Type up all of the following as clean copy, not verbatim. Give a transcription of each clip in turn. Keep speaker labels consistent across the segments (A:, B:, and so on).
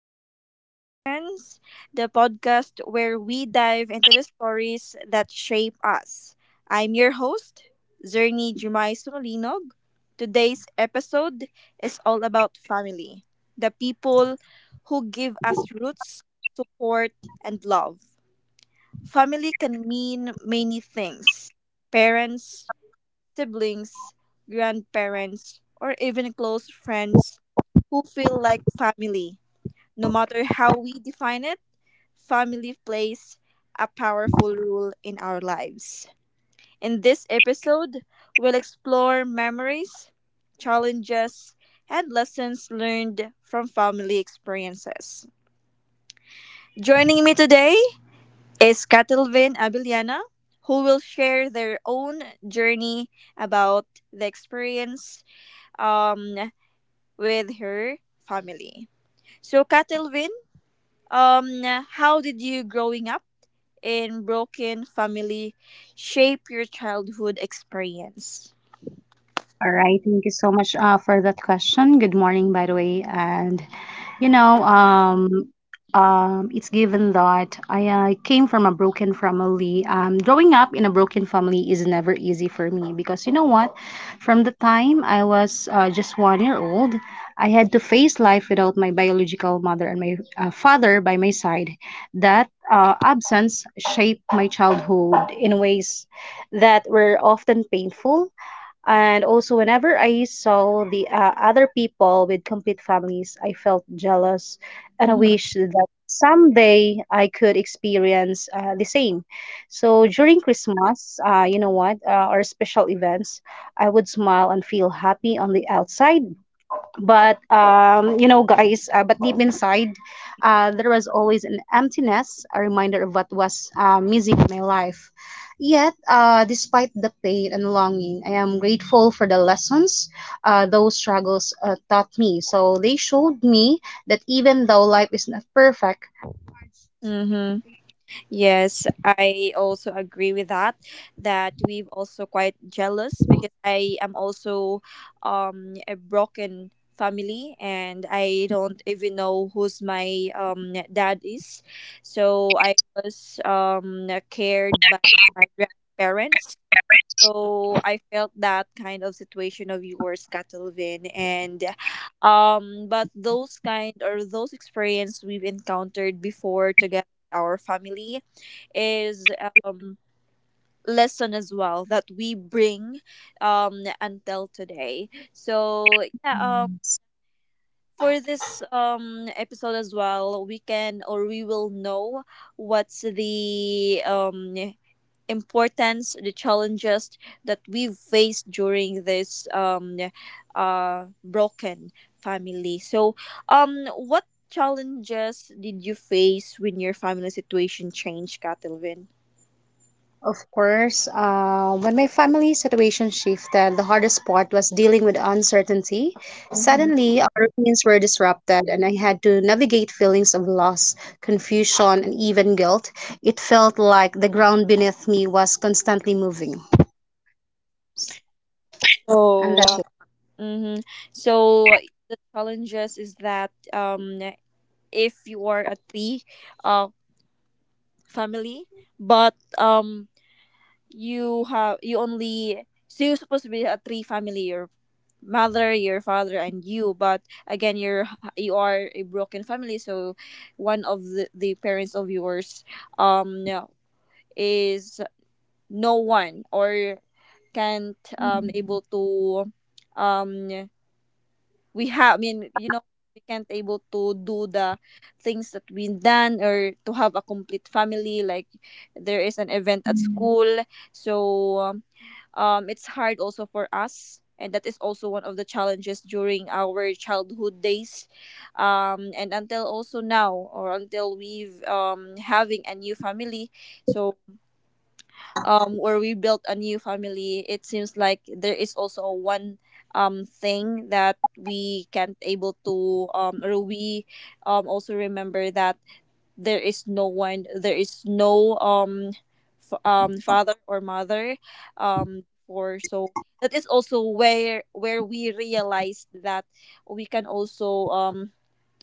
A: to Life Reflections, the podcast where we dive into the stories that shape us. I'm your host, Zernie Jumay Sumalinog. Today's episode is all about family, the people who give us roots, support, and love. Family can mean many things parents, siblings, grandparents, or even close friends who feel like family no matter how we define it, family plays a powerful role in our lives. In this episode, we'll explore memories, challenges, and lessons learned from family experiences. Joining me today is Catalvin Abiliana, who will share their own journey about the experience um, with her family. So, Catalvin, um, how did you growing up in broken family shape your childhood experience.
B: All right, thank you so much for that question. Good morning, by the way. And you know, um, it's given that I came from a broken family. Growing up in a broken family is never easy for me because you know what? From the time I was just 1 year old, I had to face life without my biological mother and my father by my side. That absence shaped my childhood in ways that were often painful, and also, whenever I saw the other people with complete families, I felt jealous, and I
A: Mm-hmm.
B: wish that someday I could experience the same. So during Christmas, or special events, I would smile and feel happy on the outside, but you know guys, but deep inside there was always an emptiness, a reminder of what was missing in my life. Yet despite the pain and longing, I am grateful for the lessons those struggles taught me. So they showed me that even though life is not perfect.
A: Mm-hmm. Yes, I also agree with that. That we've also quite jealous because I am also a broken family and I don't even know who's my dad is. So I was cared by my grandparents. So I felt that kind of situation of yours, Catalvin, and but those kind or those experience we've encountered before together with our family is um lesson as well that we bring until today. So yeah. um. For this episode as well, we can or we will know what's the importance, the challenges that we've faced during this broken family. So, what challenges did you face when your family situation changed, Katilvin?
B: Of course, when my family situation shifted, the hardest part was dealing with uncertainty.
A: Mm-hmm.
B: Suddenly, our routines were disrupted, and I had to navigate feelings of loss, confusion, and even guilt. It felt like the ground beneath me was constantly moving. And
A: So,
B: that's
A: mhm. so the challenges is that if you are a three uh, family, but you have you only so you're supposed to be a three family your mother your father and you but again you are a broken family. So one of the parents of yours no, is no one or can't able to. um we have I mean we can't able to do the things that we done or to have a complete family like there is an event at school. So it's hard also for us and that is also one of the challenges during our childhood days, and until also now or until we've having a new family. So where we built a new family it seems like there is also one thing that we can't able to or we also remember that there is no one there is no father or mother for. So that is also where we realized that we can also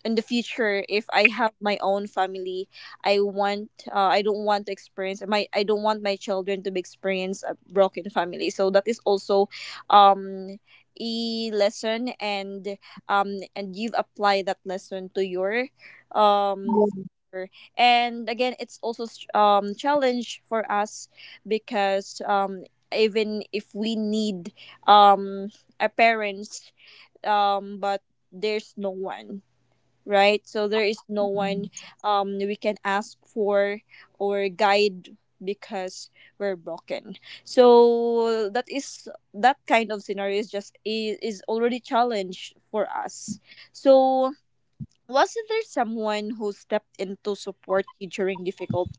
A: in the future if I have my own family I want I don't want to experience my I don't want my children to be experience a broken family. So that is also um a lesson um and you've applied that lesson to your um
B: it.
A: sure. And again, it's also challenge for us because even if we need um a parents but there's no one, right? So there is no one we can ask for or guide because we're broken. So that is that kind of scenario is just is already challenge for us. So was there someone who stepped in to support you during difficult.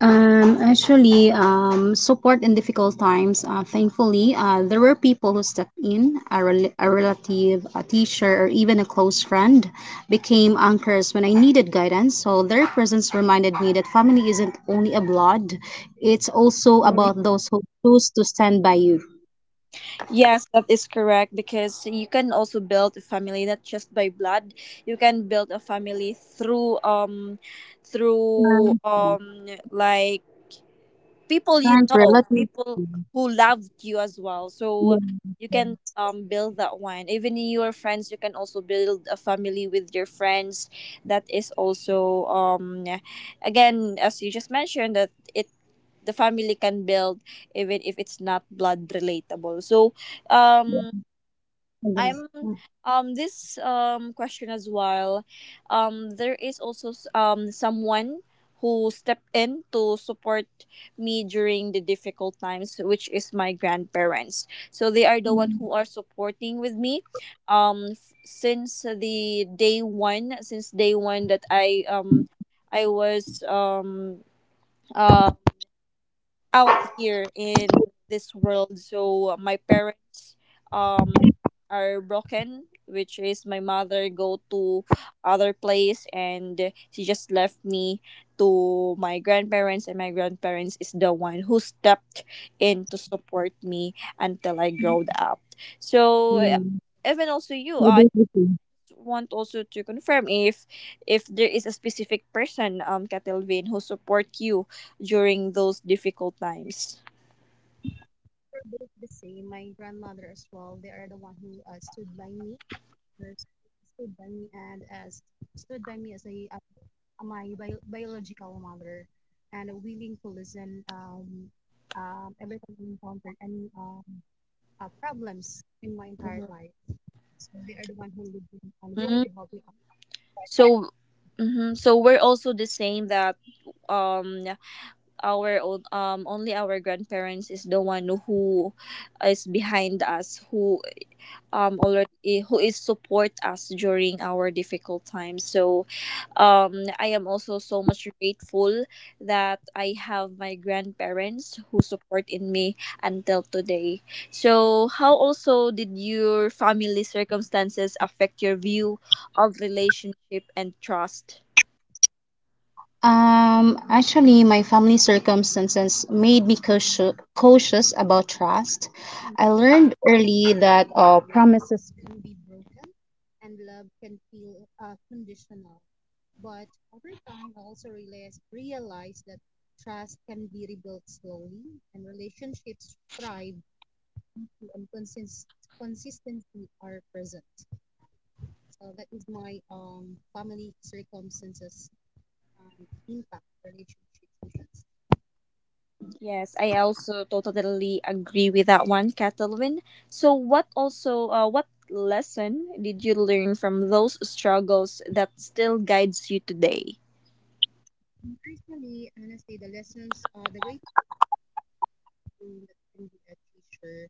B: Support in difficult times. Thankfully, there were people who stepped in. A relative, a teacher, or even a close friend became anchors when I needed guidance. So their presence reminded me that family isn't only a blood; it's also
A: Mhm.
B: about those who choose to stand by you.
A: Yes, that is correct because you can also build a family not just by blood. You can build a family through
B: Friends, yeah,
A: like people you
B: friends,
A: know,
B: relatives. Yeah.
A: people who loved you as well. So you can build that one. Even in your friends, you can also build a family with your friends. That is also again as you just mentioned that it the family can build even if it's not blood relatable. So um
B: Okay.
A: I'm this question as well, there is also someone who stepped in to support me during the difficult times which is my grandparents. So they are the one who are supporting with me since the day one, since day one that I was uh, out here in this world. So my parents um are broken, which is my mother go to other place and she just left me to my grandparents and my grandparents is the one who stepped in to support me until I growed up. So
B: Yeah.
A: even also you,
B: We
A: I
B: both the same.
A: want also to confirm if there is a specific person, Catalvin, who support you during those difficult times.
B: we My grandmother as well. They are the one who stood by me, brothers stood by me and as stood by me as a, biological mother, and willing to listen, every time I encountered any problems in my entire
A: Mhm.
B: life. So they are the one who lived with me and willing to
A: Mhm.
B: help me out.
A: So, mhm. So we're also the same that um our own only our grandparents is the one who is behind us who already who is support us during our difficult times. So um I am also so much grateful that I have my grandparents who support in me until today. So how also did your family circumstances affect your view of relationship and trust.
B: My family circumstances made me cautious about trust. I learned early that promises can be broken and love can feel conditional. But over time, I also realized that trust can be rebuilt slowly, and relationships thrive when consistency are present. So that is my family circumstances impact relationships.
A: Yes, I also totally agree with that one, Catalwin. So, what also, what lesson did you learn from those struggles that still guides you today?
B: Personally, honestly, the lessons are the great thing that can be a teacher,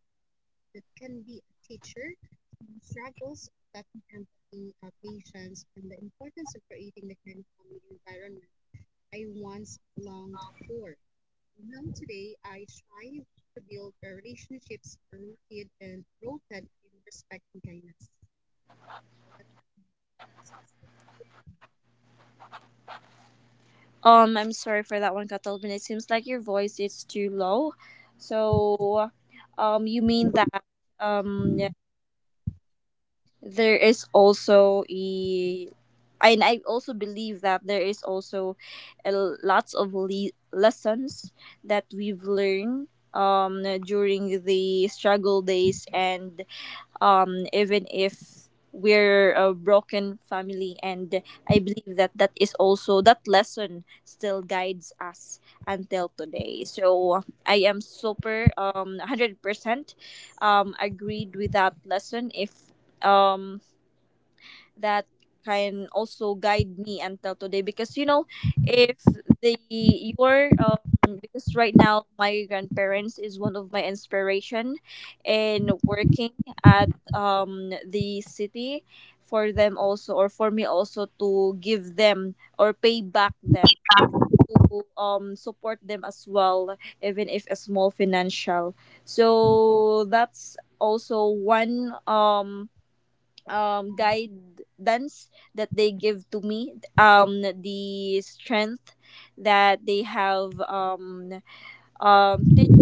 B: that can be a teacher, struggles of that empathy, patience, and the importance of creating the kind of family environment I once longed for. Now today, I strive to build relationships rooted and rooted in respect and kindness.
A: I'm sorry for that one, Catalvin. It seems like your voice is too low. So, you mean that um there is also a and I also believe that there is also a, lots of lessons that we've learned during the struggle days and even if we're a broken family and I believe that that is also that lesson still guides us until today. So I am super 100% agreed with that lesson if um that can also guide me until today because you know if the your because right now my grandparents is one of my inspiration in working at the city for them also or for me also to give them or pay back them to support them as well even if a small financial. So that's also one guidance that they give to me, the strength that they have teach.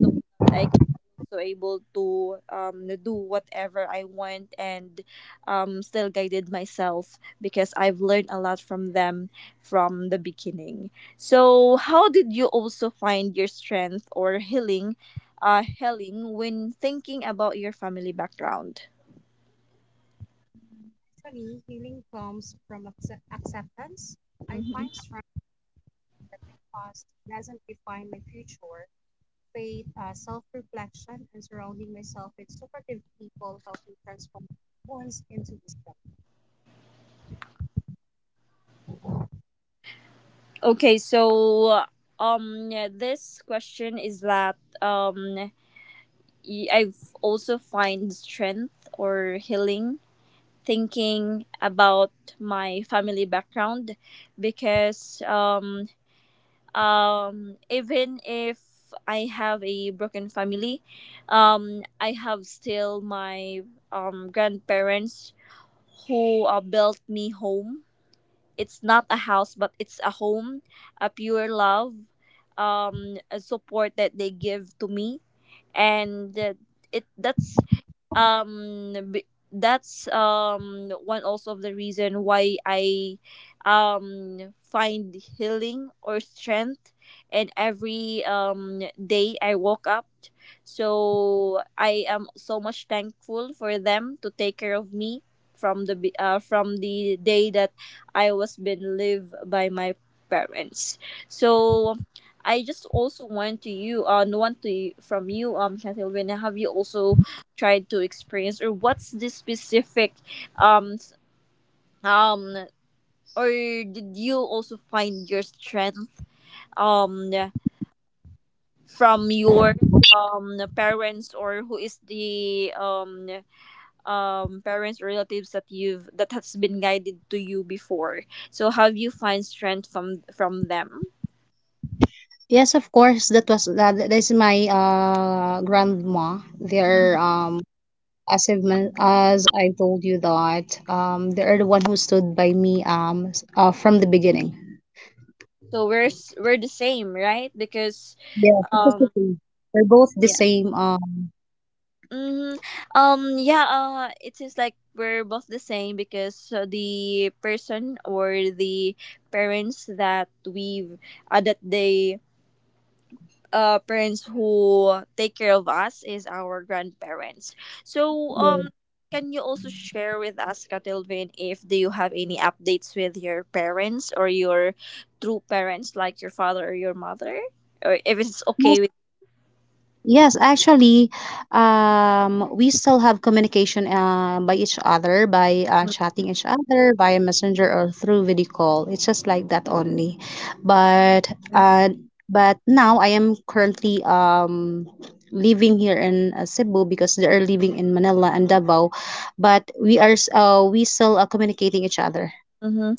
A: So that I could also able to do whatever I want and still guided myself because I've learned a lot from them from the beginning. So how did you also find your strength or healing healing when thinking about your family background?
B: Choice. I find past doesn't define my future. Faith, self-reflection, and surrounding myself with supportive people help me transform wounds into wisdom.
A: Okay, so yeah, this question is that I've also find strength or healing thinking about my family background because even if I have a broken family, I have still my grandparents who built me home. It's not a house but it's a home, a pure love, a support that they give to me, and it that's b- that's one also of the reason why I find healing or strength in every day I woke up. So I am so much thankful for them to take care of me from the from the day that I was been lived by my parents. So I just also want to you want to from you Shantilvin have you also tried to experience, or what's the specific um s- um or did you also find your strength um from your parents or who is the parents or relatives that you've that has been guided to you before. So how do you find strength from them.
B: Yes, of course. That was that. That's my grandma. Their
A: Mhm.
B: as as I told you that they are the one who stood by me from the beginning.
A: So we're the same right because
B: Yeah, because the
A: um
B: same. They're both the same.
A: Mm, yeah, it seems like we're both the same because the person or the parents that we've that they parents who take care of us is our grandparents. So
B: Yeah.
A: can you also share with us Katilvin if do you have any updates with your parents or your true parents like your father or your mother or if it's okay.
B: Yes, actually, we still have communication by each other, by chatting each other, via messenger or through video call. It's just like that only. But uh, but now I am currently living here in Cebu because they are living in Manila and Davao. But we are we still are communicating each other.
A: Mm-hmm.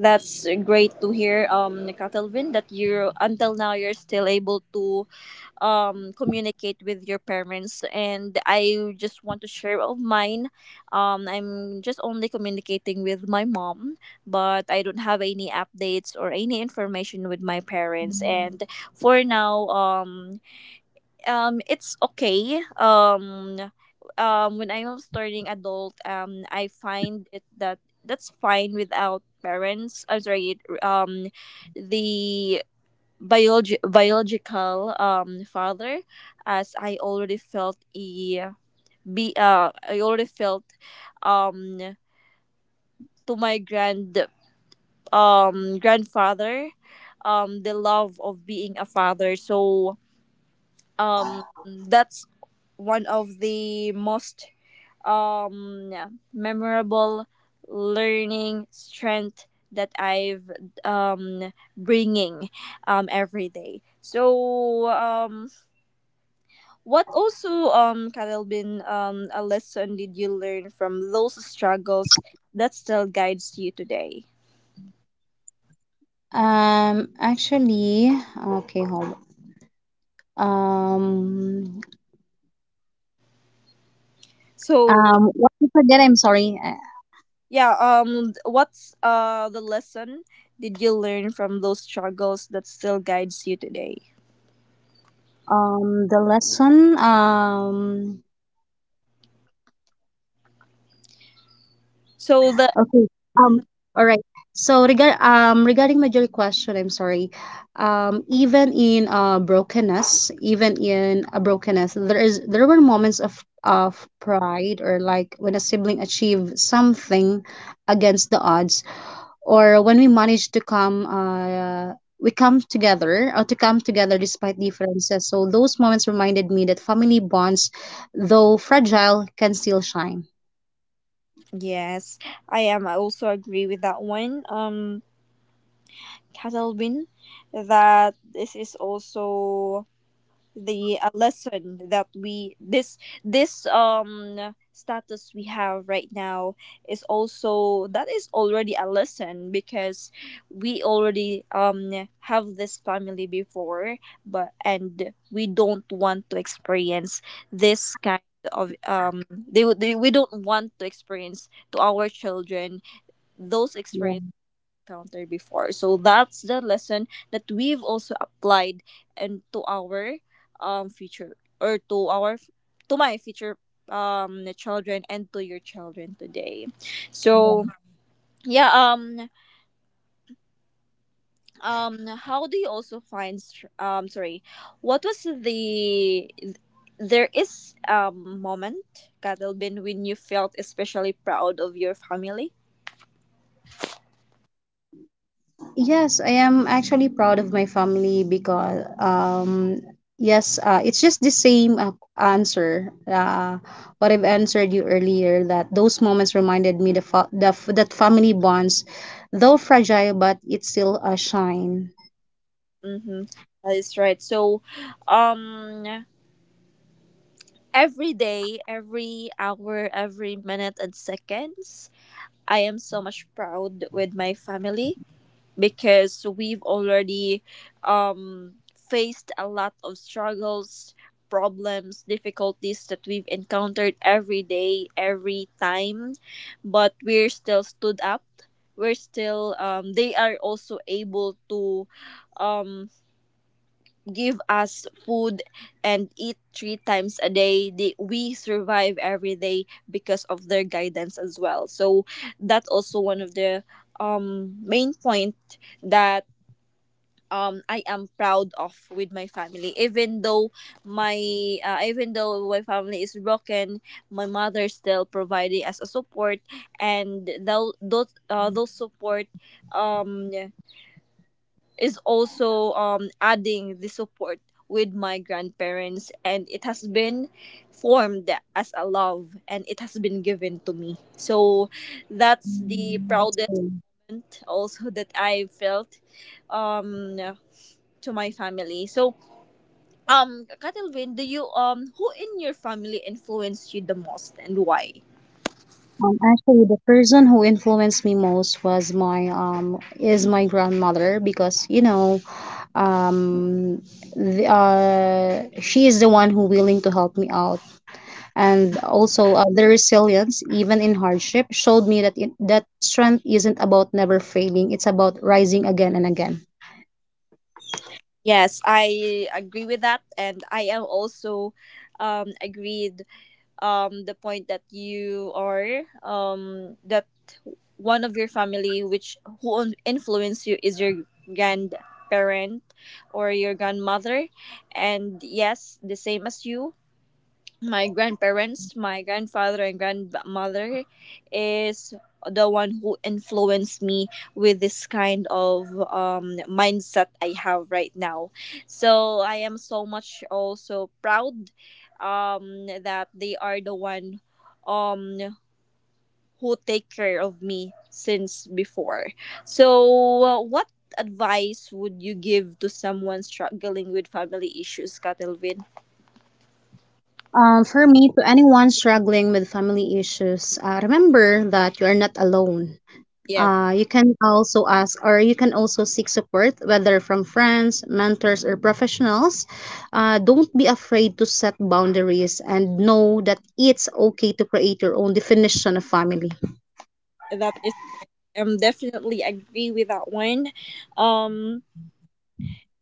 A: That's great to hear, Catalvin, that you until now you're still able to communicate with your parents. And I just want to share of mine. I'm just only communicating with my mom, but I don't have any updates or any information with my parents. And for now, it's okay when I was turning adult I find it that that's fine without parents. I'm sorry, the biological father as I already felt a be I already felt um to my grand grandfather the love of being a father. So um that's one of the most um memorable learning strength that I've bringing every day. So what also Kadelbin a lesson did you learn from those struggles that still guides you today?
B: Actually, okay, hold. Um,
A: So
B: what is again? I'm sorry.
A: yeah, what's the lesson did you learn from those struggles that still guides you today?
B: The lesson
A: So the
B: okay um all right. So regarding major question, I'm sorry. Even in a brokenness, there were moments of pride, or like when a sibling achieved something against the odds, or when we manage to come together, despite differences. So those moments reminded me that family bonds, though fragile, can still shine.
A: yes, I am. I also agree with that one. Catalvin, that this is also the lesson that we this status we have right now is also that is already a lesson because we already have this family before but and we don't want to experience this kind of they, would- they we don't want to experience to our children those
B: Yeah.
A: experiences encountered before. So that's the lesson that we've also applied and to our future or to our to my future children and to your children today. So yeah um how do you also find str- sorry what was the there is moment Kadelbin when you felt especially proud of your family?
B: Yes, I am actually proud of my family because yes it's just the same answer, what I've answered you earlier, that those moments reminded me the fa- the f- that family bonds, though fragile, but it still shine.
A: Mm-hmm. That is right. So, um, every day, every hour, every minute and seconds. I am so much proud with my family because we've already faced a lot of struggles, problems, difficulties that we've encountered every day, every time, but we're still stood up. We're still they are also able to um give us food and eat three times a day. We survive every day because of their guidance as well. So that's also one of the main point that I am proud of with my family. Even though my family is broken, my mother is still providing us a support, and those support um is also adding the support with my grandparents, and it has been formed as a love and it has been given to me. So that's the
B: That's
A: proudest
B: it.
A: moment also that I felt um to my family. So Catalvin, do you who in your family influenced you the most and why?
B: The person who influenced me most was my is my grandmother because um the, she is the one who willing to help me out, and also the resilience even in hardship showed me that strength isn't about never failing, it's about rising again and again.
A: Yes, I agree with that, and I am also agreed the point that you are that one of your family which who influence you is your grandparent or your grandmother. And yes, the same as you, my grandparents, my grandfather and grandmother is the one who influenced me with this kind of mindset I have right now. So I am so much also proud that they are the one um, who take care of me since before. So what advice would you give to someone struggling with family issues, Katelvin?
B: For me, to anyone struggling with family issues, remember that you are not alone.
A: Yes,
B: You can also ask, or you can also seek support, whether from friends, mentors, or professionals. Don't be afraid to set boundaries, and know that it's okay to create your own definition of family.
A: that is. Definitely agree with that one. um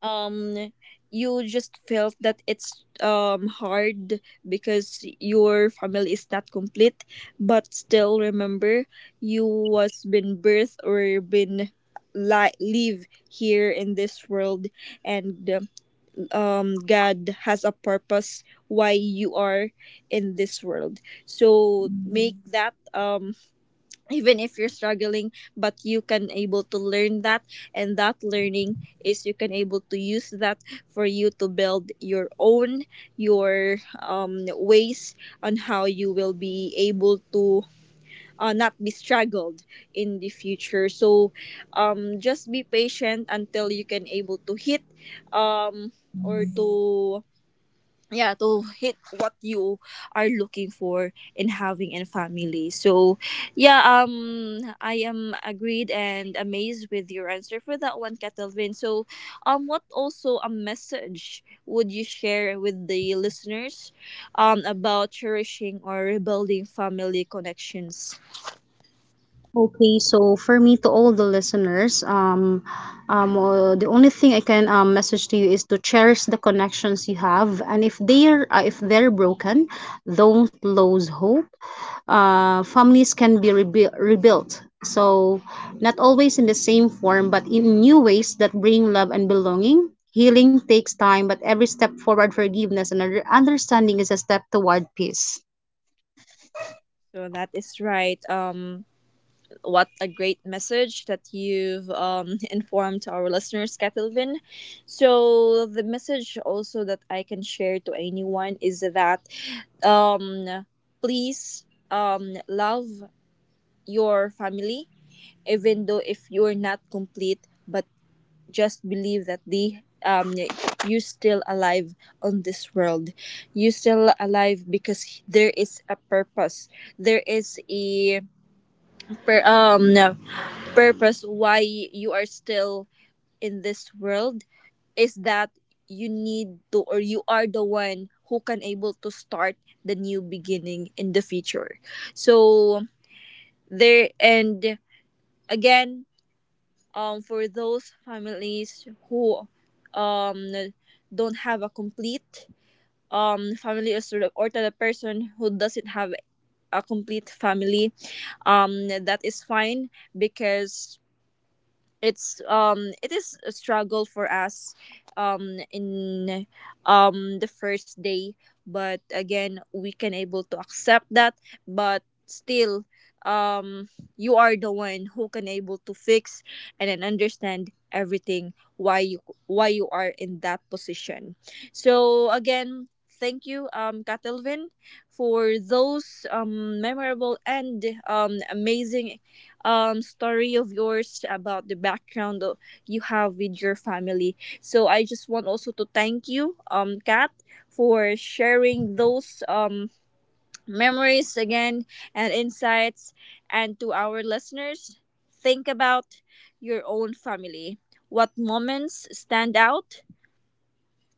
A: um you just felt that it's hard because your family is not complete, but still remember you was been birthed or been live here in this world, and god has a purpose why you are in this world. So make that even if you're struggling, but you can able to learn that, and that learning is you can able to use that for you to build your own your ways on how you will be able to not be struggled in the future. So just be patient until you can able to hit um, or to yeah to hit what you are looking for in having a family. So yeah I am agreed and amazed with your answer for that one, Catalvin. So what also a message would you share with the listeners about cherishing or rebuilding family connections?
B: Okay, so for me, to all the listeners, the only thing I can message to you is to cherish the connections you have, and if they're broken, don't lose hope. Families can be rebuilt. So, not always in the same form, but in new ways that bring love and belonging. Healing takes time, but every step forward, forgiveness and understanding, is a step toward peace.
A: So that is right. What a great message that you've informed to our listeners, Catalvin. So, the message also that I can share to anyone is that um, please love your family, even though if you're not complete, but just believe that they you still alive on this world. You still alive because there is a purpose. There is a per, um purpose why you are still in this world is that you need to or you are the one who can able to start the new beginning in the future. So there, and again, for those families who um don't have a complete family or sort of, or to the person who doesn't have a complete family, that is fine because it's it is a struggle for us in the first day, but again we can able to accept that. But still, um you are the one who can able to fix and then understand everything why you are in that position. So again, thank you, katelvin, for those memorable and amazing story of yours about the background you have with your family. So I just want also to thank you, Kat, for sharing those memories again and insights. And to our listeners, think about your own family. What moments stand out?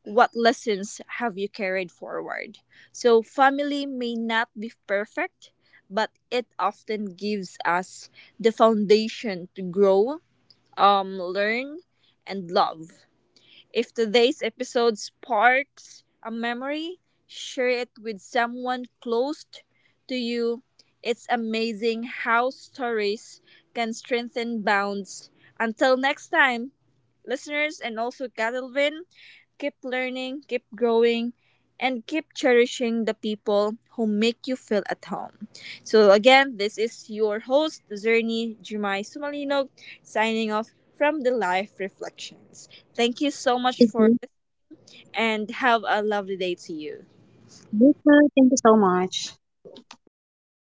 A: What lessons have you carried forward? So, family may not be perfect, but it often gives us the foundation to grow, learn, and love. If today's episode sparks a memory, share it with someone close to you. It's amazing how stories can strengthen bonds. Until next time, listeners and also Catalvin, keep learning, keep growing, and keep cherishing the people who make you feel at home. So, again, this is your host, Zernie Jumai Sumalino, signing off from the Life Reflections. Thank you so much for listening and have a lovely day to you.
B: You too. Thank you so much. Bye bye.